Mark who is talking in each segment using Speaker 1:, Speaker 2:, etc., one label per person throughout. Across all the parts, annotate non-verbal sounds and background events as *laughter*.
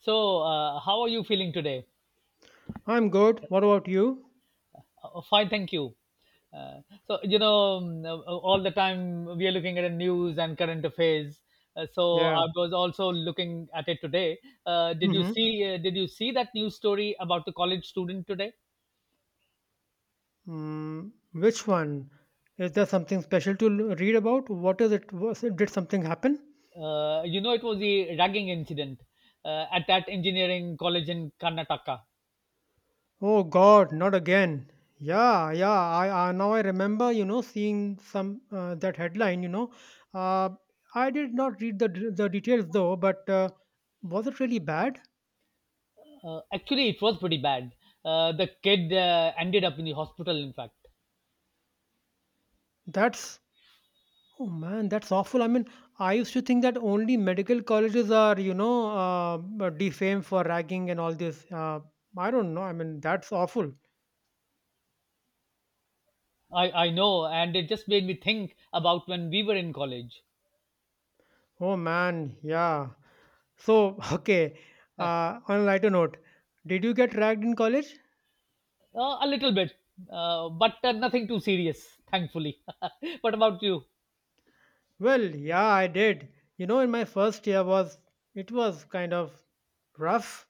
Speaker 1: So, how are you feeling today?
Speaker 2: I'm good. What about you?
Speaker 1: Fine, thank you. So, all the time we are looking at the news and current affairs. So,
Speaker 2: Yeah.
Speaker 1: I was also looking at it today. Did you
Speaker 2: Mm-hmm.
Speaker 1: see? Did you see that news story about the college student today?
Speaker 2: Mm, which one? Is there something special to read about? What is it? Was it? Did something happen?
Speaker 1: It was the ragging incident at that engineering college in Karnataka.
Speaker 2: Oh God, not again. Yeah, yeah. I Now I remember. You know, seeing some that headline. You know, uh, I did not read the the details though. But was it really bad?
Speaker 1: Actually, it was pretty bad. The kid ended up in the hospital, in fact.
Speaker 2: That's Oh man, that's awful. I mean, I used to think that only medical colleges are, you know, defamed for ragging and all this. I don't know. I mean, that's awful.
Speaker 1: I know, and it just made me think about when we were in college.
Speaker 2: Oh man, yeah. So, *laughs* okay. On a lighter note, did you get ragged in college?
Speaker 1: A little bit, but nothing too serious, thankfully. *laughs* What about you?
Speaker 2: Well, yeah, I did. You know, in my first year was it was kind of rough.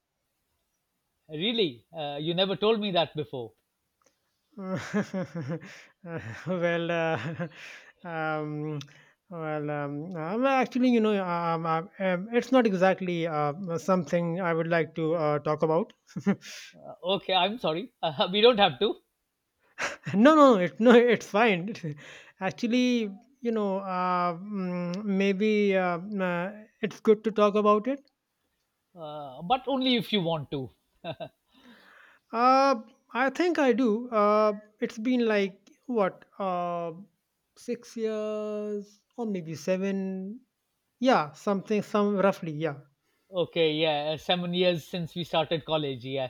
Speaker 1: Really? You never told me that before.
Speaker 2: *laughs* well, uh, *laughs* um, well, well, actually, it's not exactly something I would like to talk about. *laughs*
Speaker 1: Okay, I'm sorry. *laughs* We don't have to,
Speaker 2: no, no, no, it's fine. *laughs* actually, maybe it's good to talk about it.
Speaker 1: but only if you want to.
Speaker 2: Uh, I think I do. It's been like what, 6 years or maybe seven. Yeah, something, some roughly, yeah.
Speaker 1: Okay, yeah, 7 years since we started college, yeah.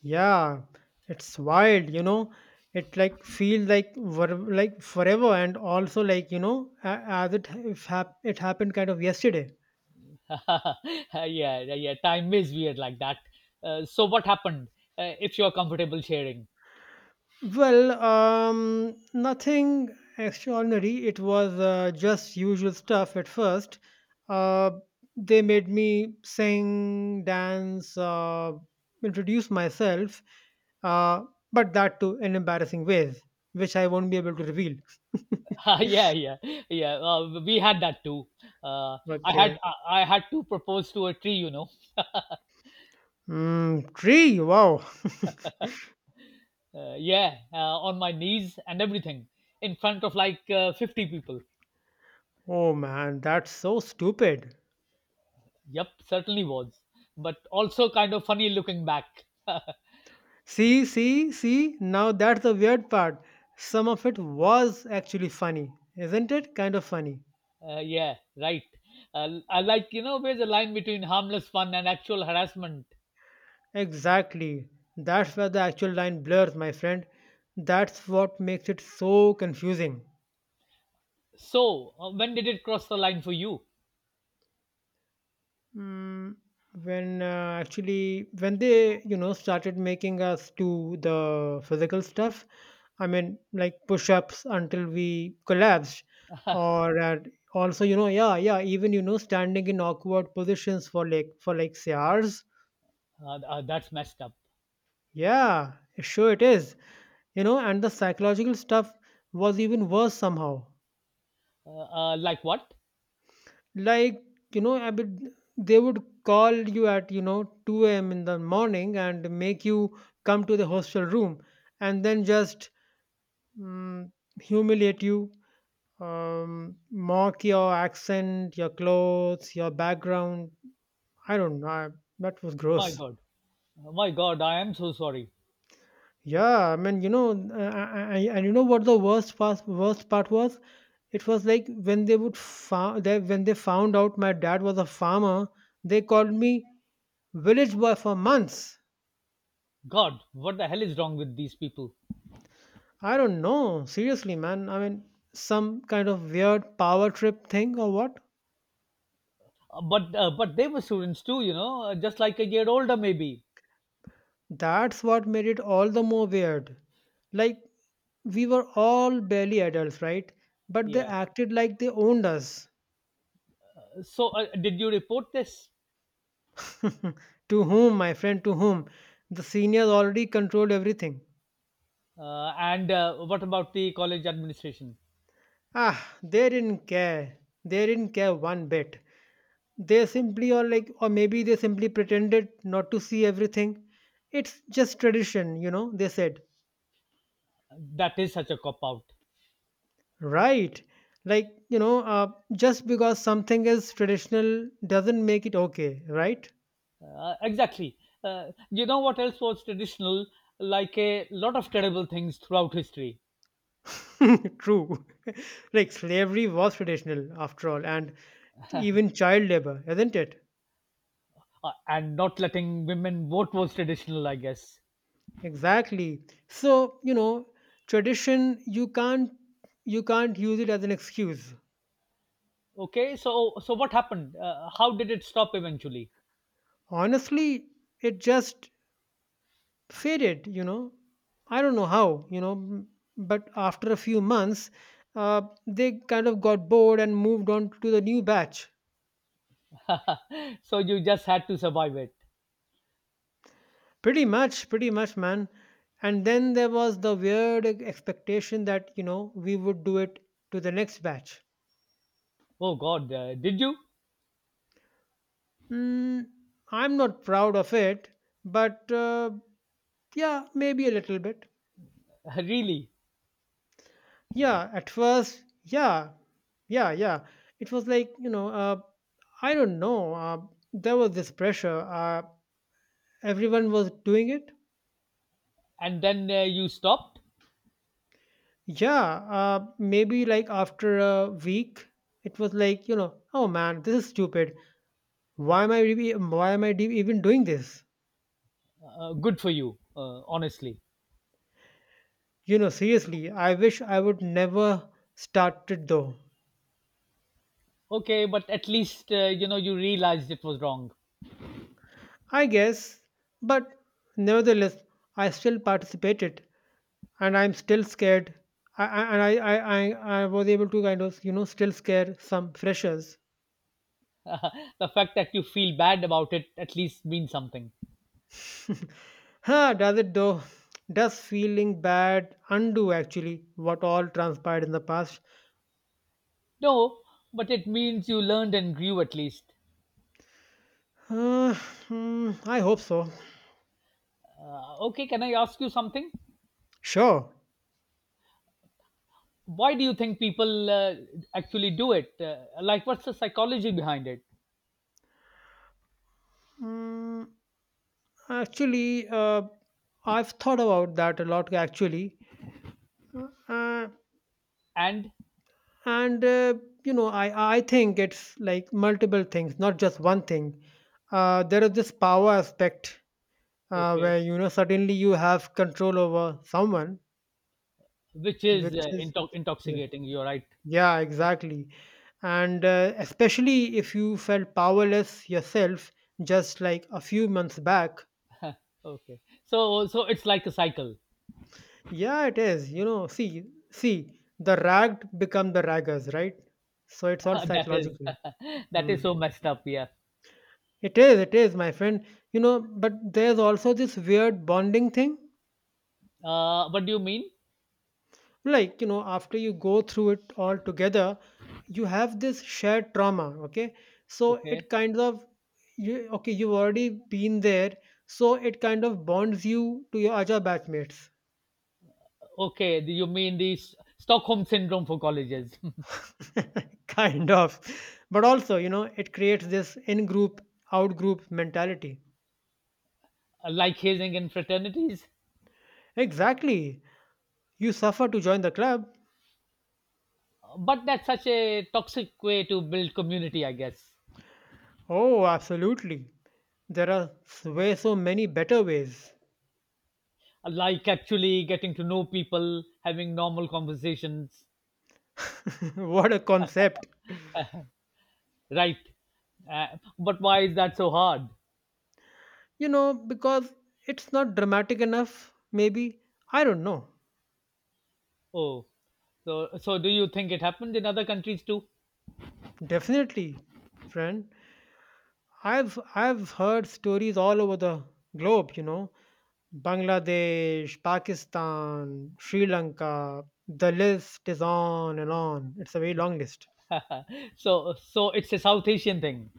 Speaker 2: Yeah, it's wild, you know. It like feel like ver- like forever, and also like you know, a- as it ha- if hap- it happened kind of yesterday.
Speaker 1: *laughs* Yeah, yeah, yeah, time is weird like that. So, what happened? If you're comfortable sharing.
Speaker 2: Well, nothing extraordinary. It was just usual stuff at first. Uh, they made me sing, dance, introduce myself, uh, but that too in embarrassing ways, which I won't be able to reveal.
Speaker 1: *laughs* Yeah, yeah, yeah. We had that too. Uh, I had
Speaker 2: Okay.
Speaker 1: I, I had to propose to a tree, you know.
Speaker 2: Mm, tree. Wow.
Speaker 1: Yeah, on my knees and everything, in front of like 50 people.
Speaker 2: Oh man, that's so stupid.
Speaker 1: Yep, certainly was, but also kind of funny looking back. *laughs*
Speaker 2: See, see, see. Now that's the weird part. Some of it was actually funny, isn't it? Kind of funny.
Speaker 1: Yeah, right. I like where's the line between harmless fun and actual harassment.
Speaker 2: Exactly. That's where the actual line blurs, my friend. That's what makes it so confusing.
Speaker 1: So when did it cross the line for you?
Speaker 2: Mm, when actually when they, you know, started making us do the physical stuff. I mean, like push-ups until we collapsed,
Speaker 1: *laughs* uh,
Speaker 2: or at— also, you know, yeah, yeah, even, you know, standing in awkward positions for like say hours.
Speaker 1: that's messed up.
Speaker 2: Yeah, sure it is. You know, and the psychological stuff was even worse somehow.
Speaker 1: Uh, like what?
Speaker 2: Like, you know, they would call you at, you know, 2 a.m. in the morning and make you come to the hostel room and then just, mm, humiliate you, mock your accent, your clothes, your background. I don't know. That was
Speaker 1: My
Speaker 2: gross.
Speaker 1: God. Oh my God, I am so sorry.
Speaker 2: Yeah, I mean, you know, and you know what the worst part was? It was like when they would fa- they, when they found out my dad was a farmer, they called me village boy for months.
Speaker 1: God, what the hell is wrong with these people?
Speaker 2: I don't know. Seriously, man. I mean, some kind of weird power trip thing or what?
Speaker 1: But they were students too, just like a year older maybe.
Speaker 2: That's what made it all the more weird. Like, we were all barely adults, right? But they
Speaker 1: Yeah.
Speaker 2: acted like they owned us.
Speaker 1: So did you report this?
Speaker 2: *laughs* to whom, my friend, to whom? The seniors already controlled everything.
Speaker 1: And what about the college administration?
Speaker 2: Ah, they didn't care. They didn't care one bit. They simply, or like, or maybe they simply pretended not to see everything. It's just tradition, you know, they said.
Speaker 1: That is such a cop out.
Speaker 2: Right. Like, you know, just because something is traditional doesn't make it okay, right?
Speaker 1: Exactly. You know what else was traditional? Like a lot of terrible things throughout history,
Speaker 2: *laughs* true. *laughs* Like slavery was traditional after all, and even child labor, isn't it?
Speaker 1: and not letting women vote was traditional, I guess.
Speaker 2: Exactly. So, you know, tradition, you can't— you can't use it as an excuse.
Speaker 1: Okay, so what happened? How did it stop eventually?
Speaker 2: Honestly, it just faded, you know. I don't know how, you know, but after a few months, uh, they kind of got bored and moved on to the new batch.
Speaker 1: So you just had to survive it.
Speaker 2: Pretty much, pretty much, man. And then there was the weird expectation that, you know, we would do it to the next batch.
Speaker 1: Oh God, did you
Speaker 2: Mm, I'm not proud of it, but yeah, maybe a little bit.
Speaker 1: *laughs* really?
Speaker 2: Yeah, at first, yeah. Yeah, yeah. It was like, you know, I don't know, there was this pressure, everyone was doing it.
Speaker 1: And then you stopped.
Speaker 2: Yeah, maybe like after a week, it was like, you know, oh man, this is stupid. Why am I re- why am I de- even doing this?
Speaker 1: Good for you, honestly.
Speaker 2: You know, seriously, I wish I would never started though.
Speaker 1: Okay, but at least you know you realized it was wrong.
Speaker 2: I guess, but nevertheless, I still participated, and I'm still scared. I, and I, I was able to kind of, you know, still scare some freshers.
Speaker 1: *laughs* The fact that you feel bad about it at least means something.
Speaker 2: Huh, does it though? Does feeling bad undo actually what all transpired in the past?
Speaker 1: No, but it means you learned and grew at least.
Speaker 2: Uh, hmm, I hope so.
Speaker 1: Okay, can I ask you something?
Speaker 2: Sure.
Speaker 1: Why do you think people actually do it? Like, what's the psychology behind it?
Speaker 2: Mm, actually, I've thought about that a lot actually. Uh, uh,
Speaker 1: And
Speaker 2: and you know, I think it's like multiple things, not just one thing. Uh, there is this power aspect,
Speaker 1: okay,
Speaker 2: where, you know, suddenly you have control over someone.
Speaker 1: which is
Speaker 2: Which is Yeah,
Speaker 1: intoxicating. You're right.
Speaker 2: yeah, exactly. And especially if you felt powerless yourself just like a few months back.
Speaker 1: Okay. So it's like a cycle.
Speaker 2: Yeah, it is. You know, see, see, the ragged become the raggers, right? So it's all
Speaker 1: *laughs* That is
Speaker 2: psychological.
Speaker 1: *laughs* that
Speaker 2: Hmm.
Speaker 1: is so messed up, yeah.
Speaker 2: It is, my friend. You know, but there's also this weird bonding thing.
Speaker 1: What do you mean?
Speaker 2: Like, you know, after you go through it all together, you have this shared trauma, okay? So
Speaker 1: Okay.
Speaker 2: it kind of— you, okay, you've already been there. So it kind of bonds you to your other batchmates.
Speaker 1: Okay, do you mean the Stockholm syndrome for colleges,
Speaker 2: *laughs* kind of. But also, you know, it creates this in group, out group mentality.
Speaker 1: *laughs* like hazing in fraternities?
Speaker 2: Exactly. You suffer to join the club.
Speaker 1: But that's such a toxic way to build community, I guess.
Speaker 2: Oh, absolutely. There are way so many better ways.
Speaker 1: Like actually getting to know people, having normal conversations,
Speaker 2: *laughs* what a concept.
Speaker 1: right? Uh, but why is that so hard?
Speaker 2: You know, because it's not dramatic enough, maybe. I don't know.
Speaker 1: Oh, so do you think it happens in other countries too?
Speaker 2: Definitely, friend. I've heard stories all over the globe, you know. Bangladesh, Pakistan, Sri Lanka. The list is on and on. It's a very long list.
Speaker 1: So it's a South Asian thing.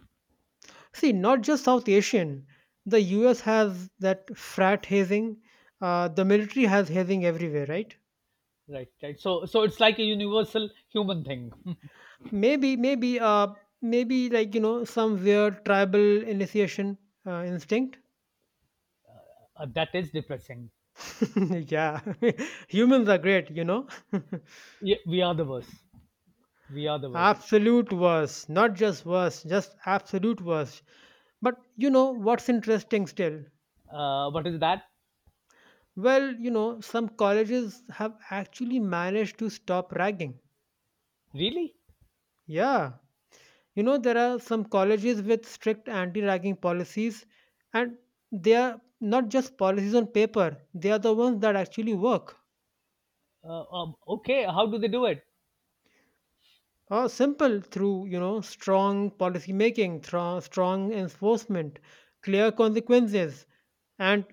Speaker 2: See, not just South Asian. The US has that frat hazing. The military has hazing everywhere, right?
Speaker 1: Right, right, so it's like a universal human thing. *laughs*
Speaker 2: Maybe, maybe, like, you know, some weird tribal initiation instinct.
Speaker 1: That is depressing.
Speaker 2: *laughs* yeah, *laughs* humans are great, you know. *laughs*
Speaker 1: Yeah, we are the worst. We are the worst.
Speaker 2: absolute worst, not just worst, just absolute worst. But you know what's interesting still?
Speaker 1: What is that?
Speaker 2: Well, you know, some colleges have actually managed to stop ragging.
Speaker 1: Really?
Speaker 2: Yeah, you know, there are some colleges with strict anti ragging policies, and they are not just policies on paper, they are the ones that actually work.
Speaker 1: Okay, how do they do it?
Speaker 2: Or simple through, you know, strong policy making, strong enforcement, clear consequences, and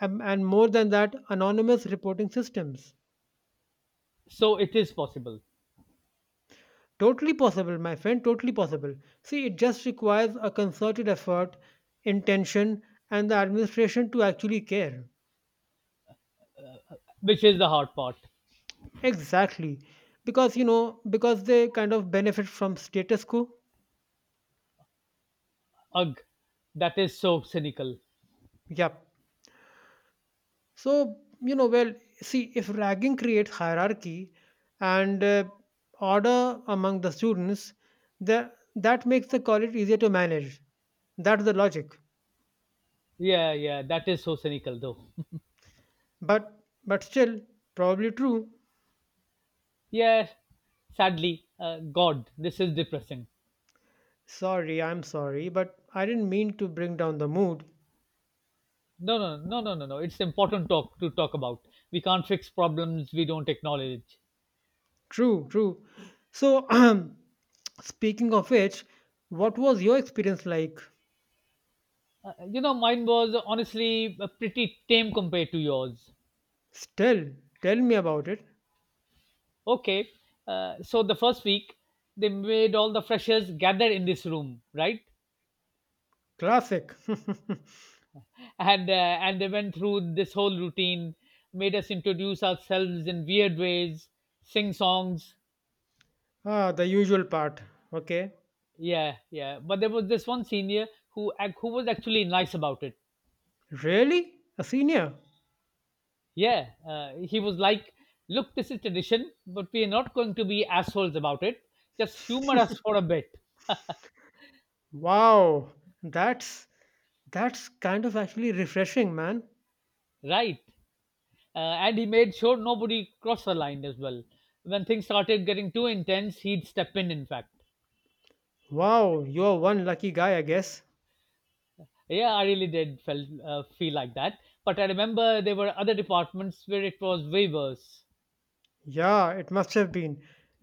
Speaker 2: and more than that, anonymous reporting systems.
Speaker 1: So it is possible?
Speaker 2: Totally possible, my friend, totally possible. See, it just requires a concerted effort, intention, and the administration to actually care.
Speaker 1: Which is the hard part.
Speaker 2: Exactly. Because, you know, because they kind of benefit from status quo.
Speaker 1: Ugh, that is so cynical.
Speaker 2: Yep. So, you know, well, see, if ragging creates hierarchy and order among the students, the, that makes the college easier to manage. That's the logic.
Speaker 1: Yeah, yeah, that is so cynical though. *laughs*
Speaker 2: But, but still, probably true.
Speaker 1: Yeah. Sadly, god, this is depressing.
Speaker 2: Sorry, I'm sorry, but I didn't mean to bring down the mood.
Speaker 1: No, no, no, no, no, no. It's important talk to talk about. We can't fix problems we don't acknowledge.
Speaker 2: True, true. So, *clears throat* speaking of which, what was your experience like?
Speaker 1: Mine was honestly pretty tame compared to yours.
Speaker 2: Still, tell me about it.
Speaker 1: Okay, so the first week they made all the freshers gather in this room, right?
Speaker 2: Classic.
Speaker 1: And they went through this whole routine, made us introduce ourselves in weird ways, sing songs.
Speaker 2: *laughs* ah, the usual part. Okay.
Speaker 1: Yeah, yeah. But there was this one senior who who was actually nice about it.
Speaker 2: Really? A senior?
Speaker 1: Yeah, he was like, "Look, this is tradition, but we are not going to be assholes about it. Just humor us for a bit,
Speaker 2: Wow. That's that's kind of actually refreshing, man.
Speaker 1: right?" And he made sure nobody crossed the line as well. When things started getting too intense, he'd step in. In fact,
Speaker 2: Wow, you're one lucky guy, I guess.
Speaker 1: yeah, I really did felt feel like that. But I remember there were other departments where it was way worse.
Speaker 2: Yeah, it must have been.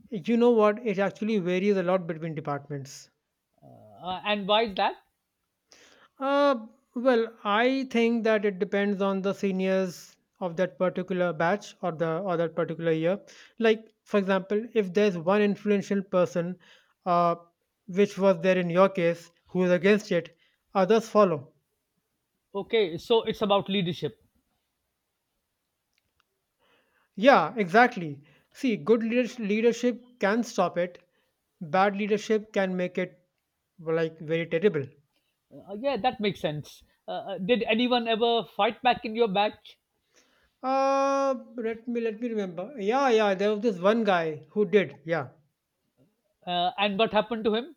Speaker 2: You know what? It actually varies a lot between departments.
Speaker 1: And why is that?
Speaker 2: Uh, well, I think that it depends on the seniors of that particular batch, or the or that particular year. Like, for example, if there's one influential person, uh, which was there in your case, who is against it, others follow.
Speaker 1: Okay, so it's about leadership.
Speaker 2: Yeah, exactly. See, leadership can stop it. Bad leadership can make it like very terrible.
Speaker 1: Yeah, that makes sense. Did anyone ever fight back in your batch?
Speaker 2: Let me remember. Yeah, yeah. There was this one guy who did. Yeah.
Speaker 1: And what happened to him?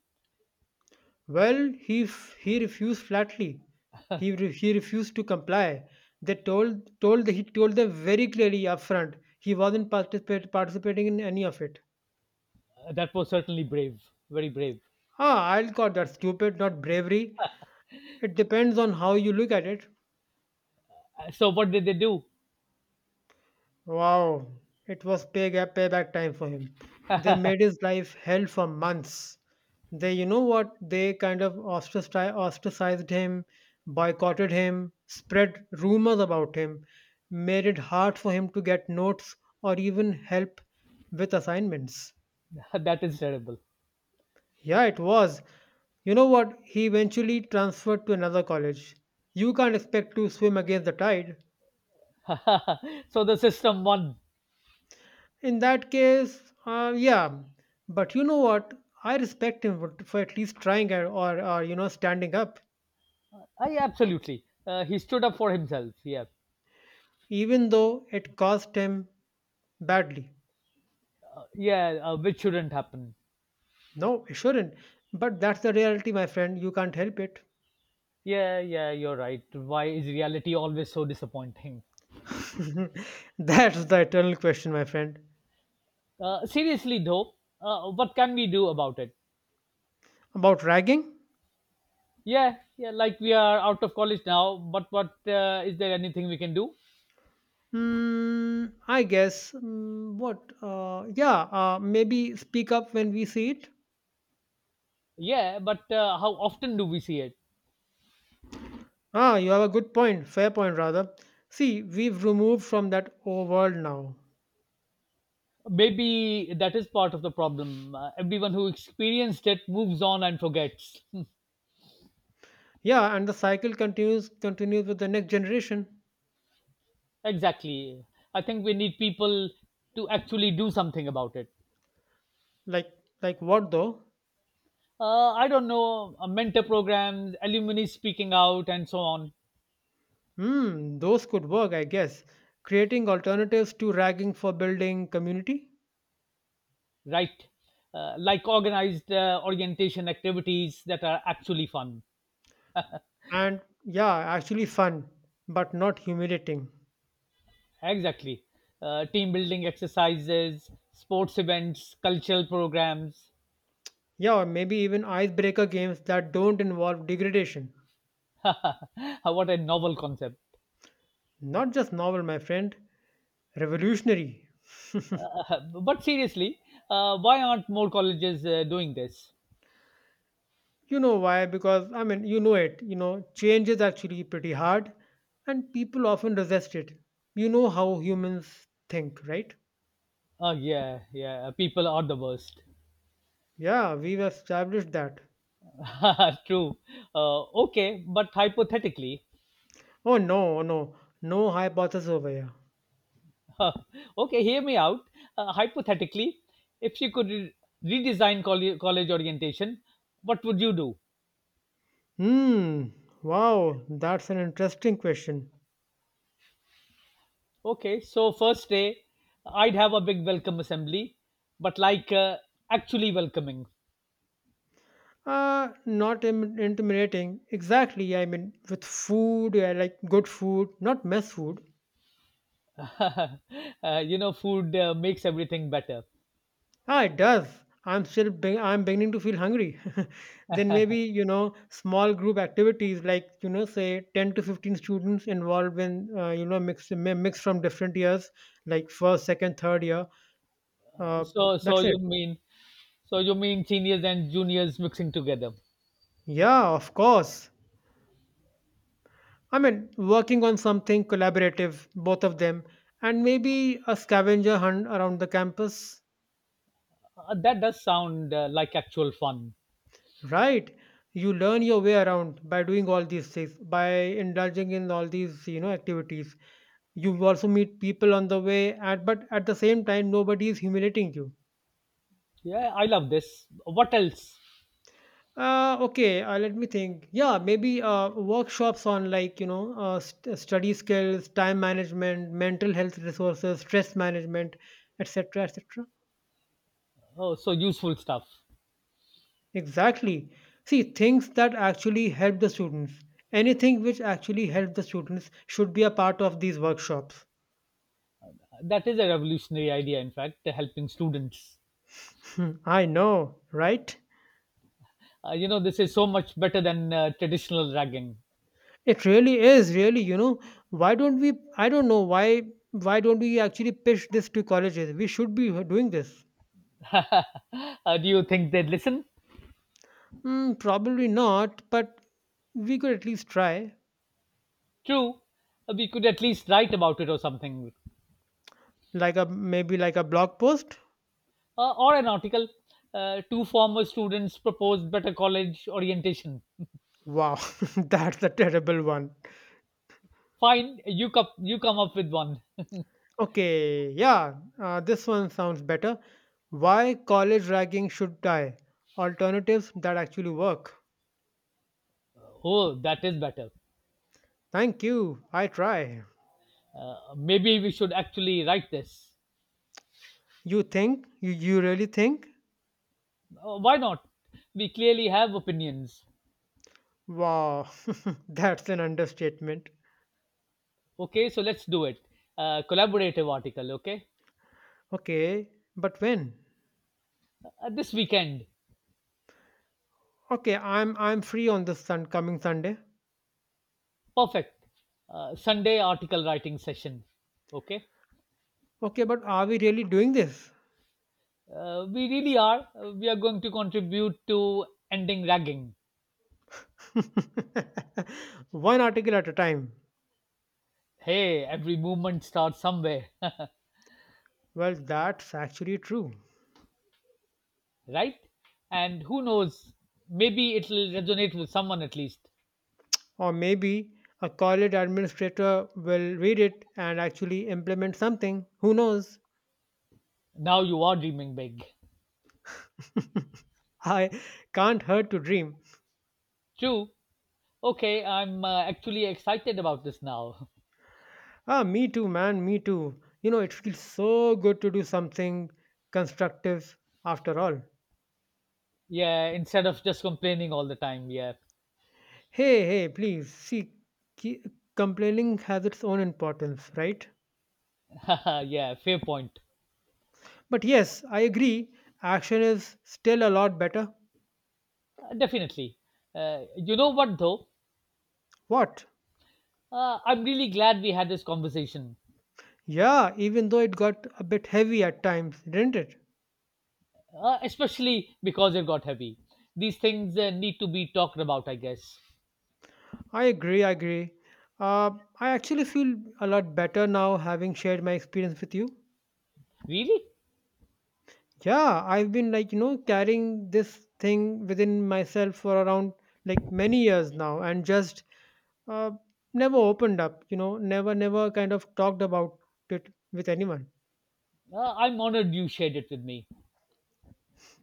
Speaker 2: Well, he refused flatly. He refused to comply. They told told he told them very clearly upfront he wasn't participating in any of it.
Speaker 1: That was certainly brave, very brave.
Speaker 2: Ah, I'll call that stupid, not bravery. It depends on how you look at it.
Speaker 1: So what did they do?
Speaker 2: Wow, it was payback time for him. They made his life hell for months. They, you know what? They kind of ostracized him, boycotted him, spread rumors about him, made it hard for him to get notes or even help with assignments.
Speaker 1: *laughs* That is terrible.
Speaker 2: Yeah, it was. You know what? He eventually transferred to another college. You can't expect to swim against the tide.
Speaker 1: *laughs* So the system won.
Speaker 2: In that case, yeah. But you know what? I respect him for at least trying, or, you know, standing up,
Speaker 1: Yeah, absolutely. He stood up for himself. Yeah,
Speaker 2: even though it cost him badly.
Speaker 1: yeah, which shouldn't happen.
Speaker 2: No, it shouldn't. But that's the reality, my friend. You can't help it.
Speaker 1: Yeah, yeah, you're right. Why is reality always so disappointing?
Speaker 2: *laughs* that's the eternal question, my friend.
Speaker 1: Seriously though, what can we do about it?
Speaker 2: About ragging?
Speaker 1: Yeah, yeah, like we are out of college now, but what is there anything we can do?
Speaker 2: Hmm, I guess. Mm, what? Yeah, maybe speak up when we see it.
Speaker 1: Yeah, but how often do we see it?
Speaker 2: Ah, you have a good point. Fair point, rather. See, we've removed from that old world now.
Speaker 1: Maybe that is part of the problem. Everyone who experienced it moves on and forgets. *laughs* Hmm,
Speaker 2: Yeah, and the cycle continues with the next generation.
Speaker 1: exactly. I think we need people to actually do something about it.
Speaker 2: Like like what though?
Speaker 1: I don't know, mentor programs, alumni speaking out and so on.
Speaker 2: Hmm, those could work, I guess. Creating alternatives to ragging for building community.
Speaker 1: Right. Like organized orientation activities that are actually fun.
Speaker 2: And yeah, actually fun, but not humiliating.
Speaker 1: Exactly. Team building exercises, sports events, cultural programs.
Speaker 2: Yeah, or maybe even icebreaker games that don't involve degradation.
Speaker 1: *laughs* What a novel concept.
Speaker 2: Not just novel, my friend. Revolutionary.
Speaker 1: *laughs* But seriously, why aren't more colleges doing this?
Speaker 2: You know why? Because, I mean, change is actually pretty hard and people often resist it. You know how humans think, right?
Speaker 1: Oh, yeah, yeah, people are the worst.
Speaker 2: Yeah, we've established that.
Speaker 1: *laughs* True. Okay, but hypothetically,
Speaker 2: Oh, no, oh, no, no hypothesis over here.
Speaker 1: *laughs* okay, hear me out. Hypothetically, if you could redesign college orientation, what would you do?
Speaker 2: Hmm, wow, that's an interesting question.
Speaker 1: Okay, so first day, I'd have a big welcome assembly, but like actually welcoming.
Speaker 2: Not intimidating. Exactly. I mean, with food, yeah, like good food, not mess food.
Speaker 1: *laughs* uh, Food makes everything better.
Speaker 2: Ah, it does. I'm beginning to feel hungry. *laughs* Then maybe,
Speaker 1: *laughs*
Speaker 2: small group activities like, say 10 to 15 students involved in, mix from different years, like first, second, third year. Uh,
Speaker 1: So
Speaker 2: that's it.
Speaker 1: you mean So you mean seniors and juniors mixing together?
Speaker 2: Yeah, of course. I mean, working on something collaborative, both of them, and maybe a scavenger hunt around the campus.
Speaker 1: That does sound like actual fun.
Speaker 2: Right. You learn your way around by doing all these things, by indulging in all these, activities. You also meet people on the way, and but at the same time, nobody is humiliating you.
Speaker 1: Yeah, I love this. What else?
Speaker 2: Okay, let me think. Yeah, maybe workshops on like study skills, time management, mental health resources, stress management, etc., etc.
Speaker 1: Oh, so useful stuff.
Speaker 2: Exactly. See, things that actually help the students. Anything which actually helps the students should be a part of these workshops.
Speaker 1: That is a revolutionary idea, in fact, helping students.
Speaker 2: *laughs* Hmm, I know, right?
Speaker 1: This is so much better than traditional ragging.
Speaker 2: It really is, really, you know. Why don't we? I don't know why. Why don't we actually pitch this to colleges? We should be doing this.
Speaker 1: Do you think they'd listen?
Speaker 2: Mm, probably not, but we could at least try.
Speaker 1: True. We could at least write about it or something.
Speaker 2: Like a maybe like a blog post.
Speaker 1: Or an article. Two former students proposed better college orientation.
Speaker 2: Wow, *laughs* that's a terrible one.
Speaker 1: Fine, you, cup, you come up with one. *laughs*
Speaker 2: Okay, yeah, this one sounds better. Why college ragging should die? Alternatives that actually work.
Speaker 1: Oh, that is better.
Speaker 2: Thank you. I try.
Speaker 1: Maybe we should actually write this.
Speaker 2: You think? You really think?
Speaker 1: Why not? We clearly have opinions.
Speaker 2: Wow, *laughs* that's an understatement.
Speaker 1: Okay, so let's do it. Collaborative article, okay?
Speaker 2: Okay, but when?
Speaker 1: This weekend,
Speaker 2: Okay, I'm free on this sun coming Sunday.
Speaker 1: perfect. Sunday article writing session, okay?
Speaker 2: Okay, but are we really doing this?
Speaker 1: We really are. We are going to contribute to ending ragging.
Speaker 2: *laughs* One article at a time.
Speaker 1: Hey, every movement starts somewhere,
Speaker 2: Well, that's actually true.
Speaker 1: *laughs* right? And who knows, maybe it'll resonate with someone at least.
Speaker 2: Or maybe a college administrator will read it and actually implement something. Who knows?
Speaker 1: Now you are dreaming big.
Speaker 2: *laughs* I can't hurt to dream.
Speaker 1: True. Okay, I'm actually excited about this now. *laughs*
Speaker 2: Ah, me too, man, me too. You know, it feels so good to do something constructive after all.
Speaker 1: Yeah, instead of just complaining all the time. Yeah,
Speaker 2: Hey, hey, please. See, ki- complaining has its own importance, right?
Speaker 1: *laughs* yeah, fair point.
Speaker 2: But yes, I agree, action is still a lot better.
Speaker 1: Definitely. You know what though?
Speaker 2: What?
Speaker 1: I'm really glad we had this conversation,
Speaker 2: Yeah, even though it got a bit heavy at times, didn't it?
Speaker 1: especially because it got heavy. These things need to be talked about, I guess.
Speaker 2: I agree, I agree. Uh, I actually feel a lot better now having shared my experience with you.
Speaker 1: Really?
Speaker 2: Yeah, I've been like, carrying this thing within myself for around like many years now and just uh, never opened up, never kind of talked about it with anyone.
Speaker 1: I'm honored you shared it with me.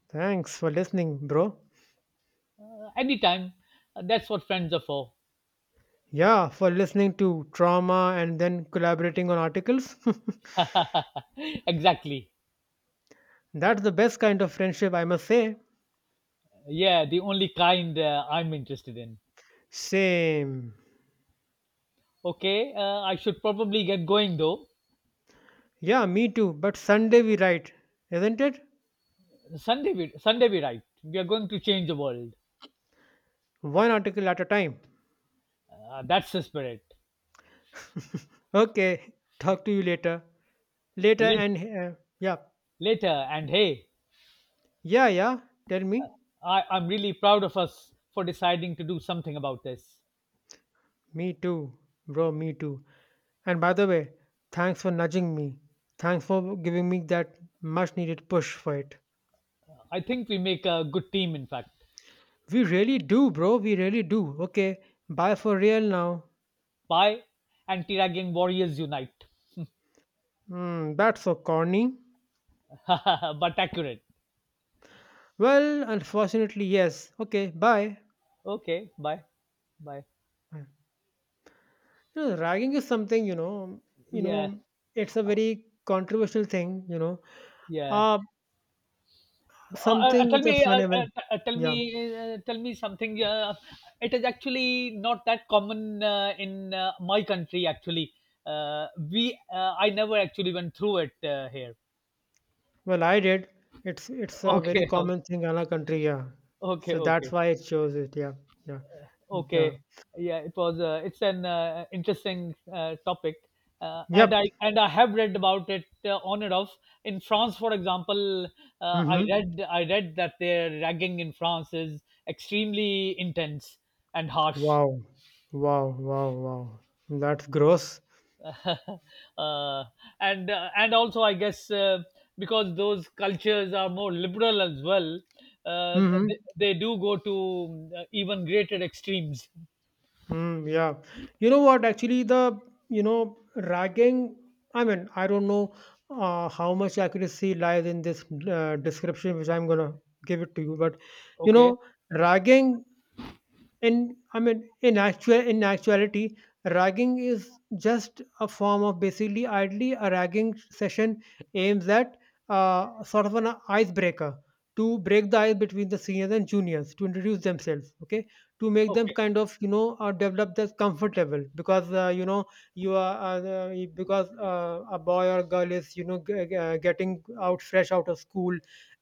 Speaker 2: Thanks for listening, bro.
Speaker 1: Anytime. That's what friends are for.
Speaker 2: Yeah, for listening to trauma and then collaborating on articles.
Speaker 1: *laughs* Exactly.
Speaker 2: *laughs* That's the best kind of friendship, I must say.
Speaker 1: Yeah, the only kind I'm interested in.
Speaker 2: Same.
Speaker 1: Okay, I should probably get going though.
Speaker 2: Yeah, me too. But Sunday we write, isn't it?
Speaker 1: Sunday, we right. We are going to change the world.
Speaker 2: One article at a time.
Speaker 1: That's the spirit.
Speaker 2: Okay, *laughs* talk to you later. Later
Speaker 1: Late,
Speaker 2: and yeah,
Speaker 1: Later, and hey,
Speaker 2: yeah, tell me,
Speaker 1: I'm really proud of us for deciding to do something about this.
Speaker 2: me too, bro, me too, and by the way, thanks for nudging me, thanks for giving me that much needed push for it.
Speaker 1: I think we make a good team, in fact.
Speaker 2: We really do, bro, we really do. Okay, bye for real now.
Speaker 1: Bye, anti ragging warriors unite.
Speaker 2: Hmm, that's so corny.
Speaker 1: *laughs* But accurate.
Speaker 2: Well, unfortunately yes. Okay, bye.
Speaker 1: Okay, bye. Bye.
Speaker 2: you Ragging is something, you know you
Speaker 1: Yeah,
Speaker 2: know it's a very controversial thing, you know.
Speaker 1: yeah.
Speaker 2: uh
Speaker 1: Uh, uh,
Speaker 2: Something
Speaker 1: tell
Speaker 2: with a
Speaker 1: me, uh,
Speaker 2: fun
Speaker 1: uh,
Speaker 2: element.
Speaker 1: uh, tell
Speaker 2: Yeah.
Speaker 1: me, Tell me something. It is actually not that common in my country. Actually, we I never actually went through it here.
Speaker 2: Well, I did. It's a very
Speaker 1: Okay, *laughs*
Speaker 2: common thing in our country, yeah.
Speaker 1: okay,
Speaker 2: So that's
Speaker 1: okay,
Speaker 2: why it shows it, yeah, yeah. The,
Speaker 1: okay. Yeah, it was. It's an interesting topic,
Speaker 2: yep.
Speaker 1: and I have read about it on and off. In France, for example, I
Speaker 2: Mm-hmm.
Speaker 1: read I read that their ragging in France is extremely intense and harsh.
Speaker 2: Wow. Wow, wow, wow. That's gross.
Speaker 1: *laughs* uh, and also I guess because those cultures are more liberal as well, uh,
Speaker 2: Mm-hmm.
Speaker 1: they do go to even greater extremes.
Speaker 2: Mm, yeah. You know what? Actually, the you know ragging, I mean, I don't know how much accuracy lies in this description, which I'm gonna give it to you. But you
Speaker 1: Okay,
Speaker 2: know, ragging, And I mean, in actuality, ragging is just a form of basically idly a ragging session aims at sort of an icebreaker to break the ice between the seniors and juniors to introduce themselves. Okay, to make them
Speaker 1: okay,
Speaker 2: kind of develop that comfort level because you know you are because a boy or girl is getting out fresh out of school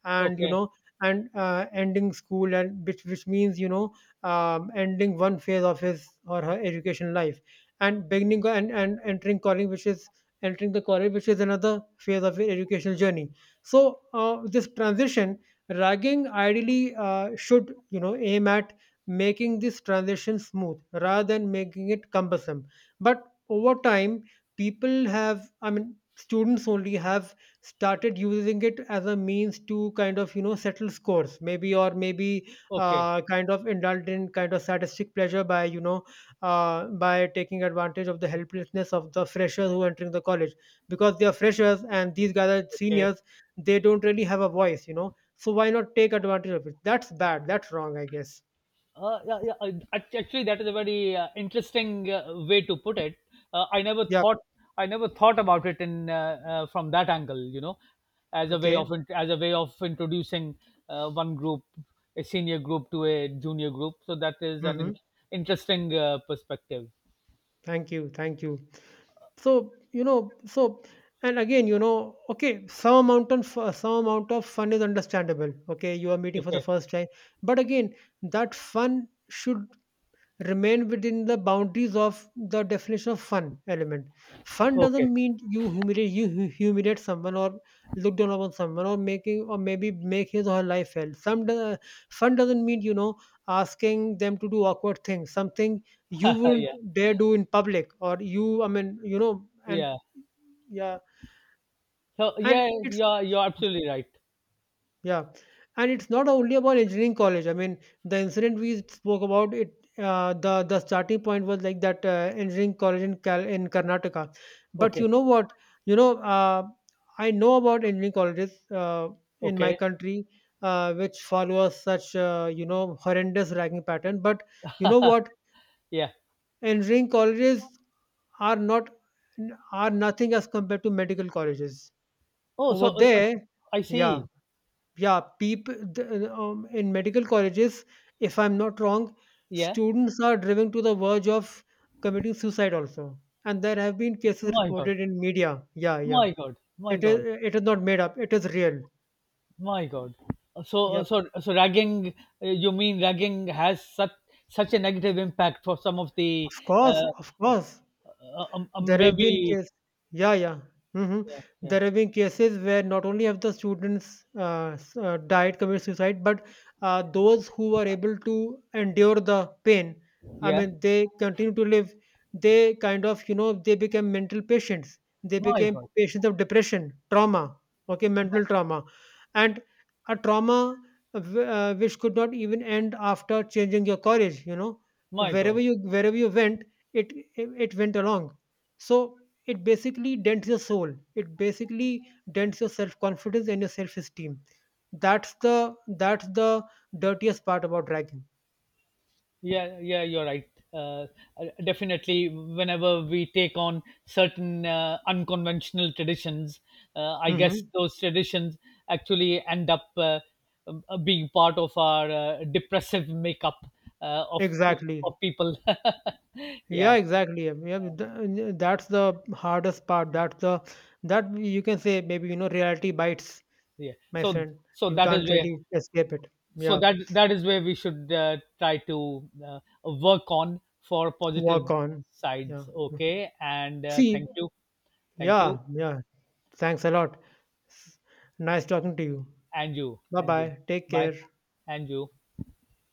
Speaker 2: and you
Speaker 1: okay,
Speaker 2: know and ending school, and which means ending one phase of his or her education life and entering college which is entering the college, which is another phase of your educational journey. So this transition, ragging ideally should aim at making this transition smooth rather than making it cumbersome. But over time, people have, I mean students only have, started using it as a means to kind of settle scores, maybe, or maybe
Speaker 1: okay,
Speaker 2: kind of indulged in kind of sadistic pleasure by by taking advantage of the helplessness of the freshers who are entering the college, because they are freshers and these guys are
Speaker 1: okay.
Speaker 2: seniors. They don't really have a voice, you know, so why not take advantage of it? That's bad, that's wrong, I guess.
Speaker 1: Yeah, yeah. Actually, that is a very interesting way to put it. Uh, I never
Speaker 2: Yeah,
Speaker 1: thought I never thought about it in from that angle. You know,
Speaker 2: okay,
Speaker 1: as a way of introducing one group, a senior group to a junior group. So that is an
Speaker 2: mm-hmm.
Speaker 1: interesting perspective.
Speaker 2: Thank you, thank you. So you know, so and again, you know, okay, some amount of fun is understandable. Okay, you are meeting for the
Speaker 1: Okay,
Speaker 2: first time. But again, that fun should remain within the boundaries of the definition of fun element. Fun
Speaker 1: okay,
Speaker 2: doesn't mean you humiliate, humiliate someone or look down upon someone, or making, or maybe make his or her life hell. Some do. Fun doesn't mean asking them to do awkward things, something you
Speaker 1: *laughs*
Speaker 2: wouldn't
Speaker 1: yeah,
Speaker 2: dare do in public or you, I mean, you know, and
Speaker 1: yeah.
Speaker 2: yeah,
Speaker 1: So
Speaker 2: and
Speaker 1: yeah,
Speaker 2: it's,
Speaker 1: you're absolutely right.
Speaker 2: yeah, and it's not only about engineering college. I mean, the incident we spoke about it. The starting point was like that engineering college in Karnataka, but
Speaker 1: Okay,
Speaker 2: you know what? You know, I know about engineering colleges in my
Speaker 1: okay,
Speaker 2: country which follow such you know horrendous ranking pattern. But you know what?
Speaker 1: yeah.
Speaker 2: Engineering colleges are not are nothing as compared to medical colleges
Speaker 1: Oh,
Speaker 2: over
Speaker 1: so
Speaker 2: there.
Speaker 1: I see.
Speaker 2: Yeah, yeah, people in medical colleges, if I'm not wrong,
Speaker 1: Yeah.
Speaker 2: students are driven to the verge of committing suicide also, and there have been cases
Speaker 1: My God.
Speaker 2: reported in media, yeah, yeah.
Speaker 1: My God. My
Speaker 2: It is,
Speaker 1: God.
Speaker 2: it is not made up, it is real.
Speaker 1: My God. Uh, So, uh,
Speaker 2: Yep,
Speaker 1: so, so ragging. You mean ragging has such a negative impact for some of the
Speaker 2: of course,
Speaker 1: uh,
Speaker 2: of course. There have been
Speaker 1: maybe
Speaker 2: cases, yeah, yeah. Hmm.
Speaker 1: yeah, yeah,
Speaker 2: There have been cases where not only have the students died, committed suicide, but those who were able to endure the pain, I
Speaker 1: yeah.
Speaker 2: mean, they continue to live. They kind of, you know, they became mental patients. They
Speaker 1: My
Speaker 2: became
Speaker 1: God,
Speaker 2: patients of depression, trauma, okay,
Speaker 1: my
Speaker 2: mental
Speaker 1: God,
Speaker 2: trauma, and a trauma which could not even end after changing your college. You know,
Speaker 1: my God.
Speaker 2: wherever you went, it went along. So it basically dents your soul. It basically dents your self confidence and your self esteem. That's the dirtiest part about dragging.
Speaker 1: Yeah, yeah, you're right. Definitely, whenever we take on certain unconventional traditions, I guess
Speaker 2: Hmm.
Speaker 1: those traditions actually end up being part of our depressive makeup uh, of
Speaker 2: Exactly.
Speaker 1: of people. *laughs*
Speaker 2: Yeah,
Speaker 1: Yeah,
Speaker 2: exactly. Yeah, yeah, that's the hardest part. That you can say, maybe, you know, reality bites,
Speaker 1: yeah.
Speaker 2: my
Speaker 1: So,
Speaker 2: friend.
Speaker 1: so
Speaker 2: You
Speaker 1: that is
Speaker 2: can't
Speaker 1: where
Speaker 2: really escape it.
Speaker 1: so
Speaker 2: Yeah,
Speaker 1: that that is where we should try to work on for positive
Speaker 2: work on. Yeah.
Speaker 1: sides. Okay, and
Speaker 2: See.
Speaker 1: thank you, thank you.
Speaker 2: Yeah, yeah. Thanks a lot. Nice talking to you.
Speaker 1: And you,
Speaker 2: Bye
Speaker 1: and you.
Speaker 2: bye. Take
Speaker 1: Bye.
Speaker 2: care.
Speaker 1: And you.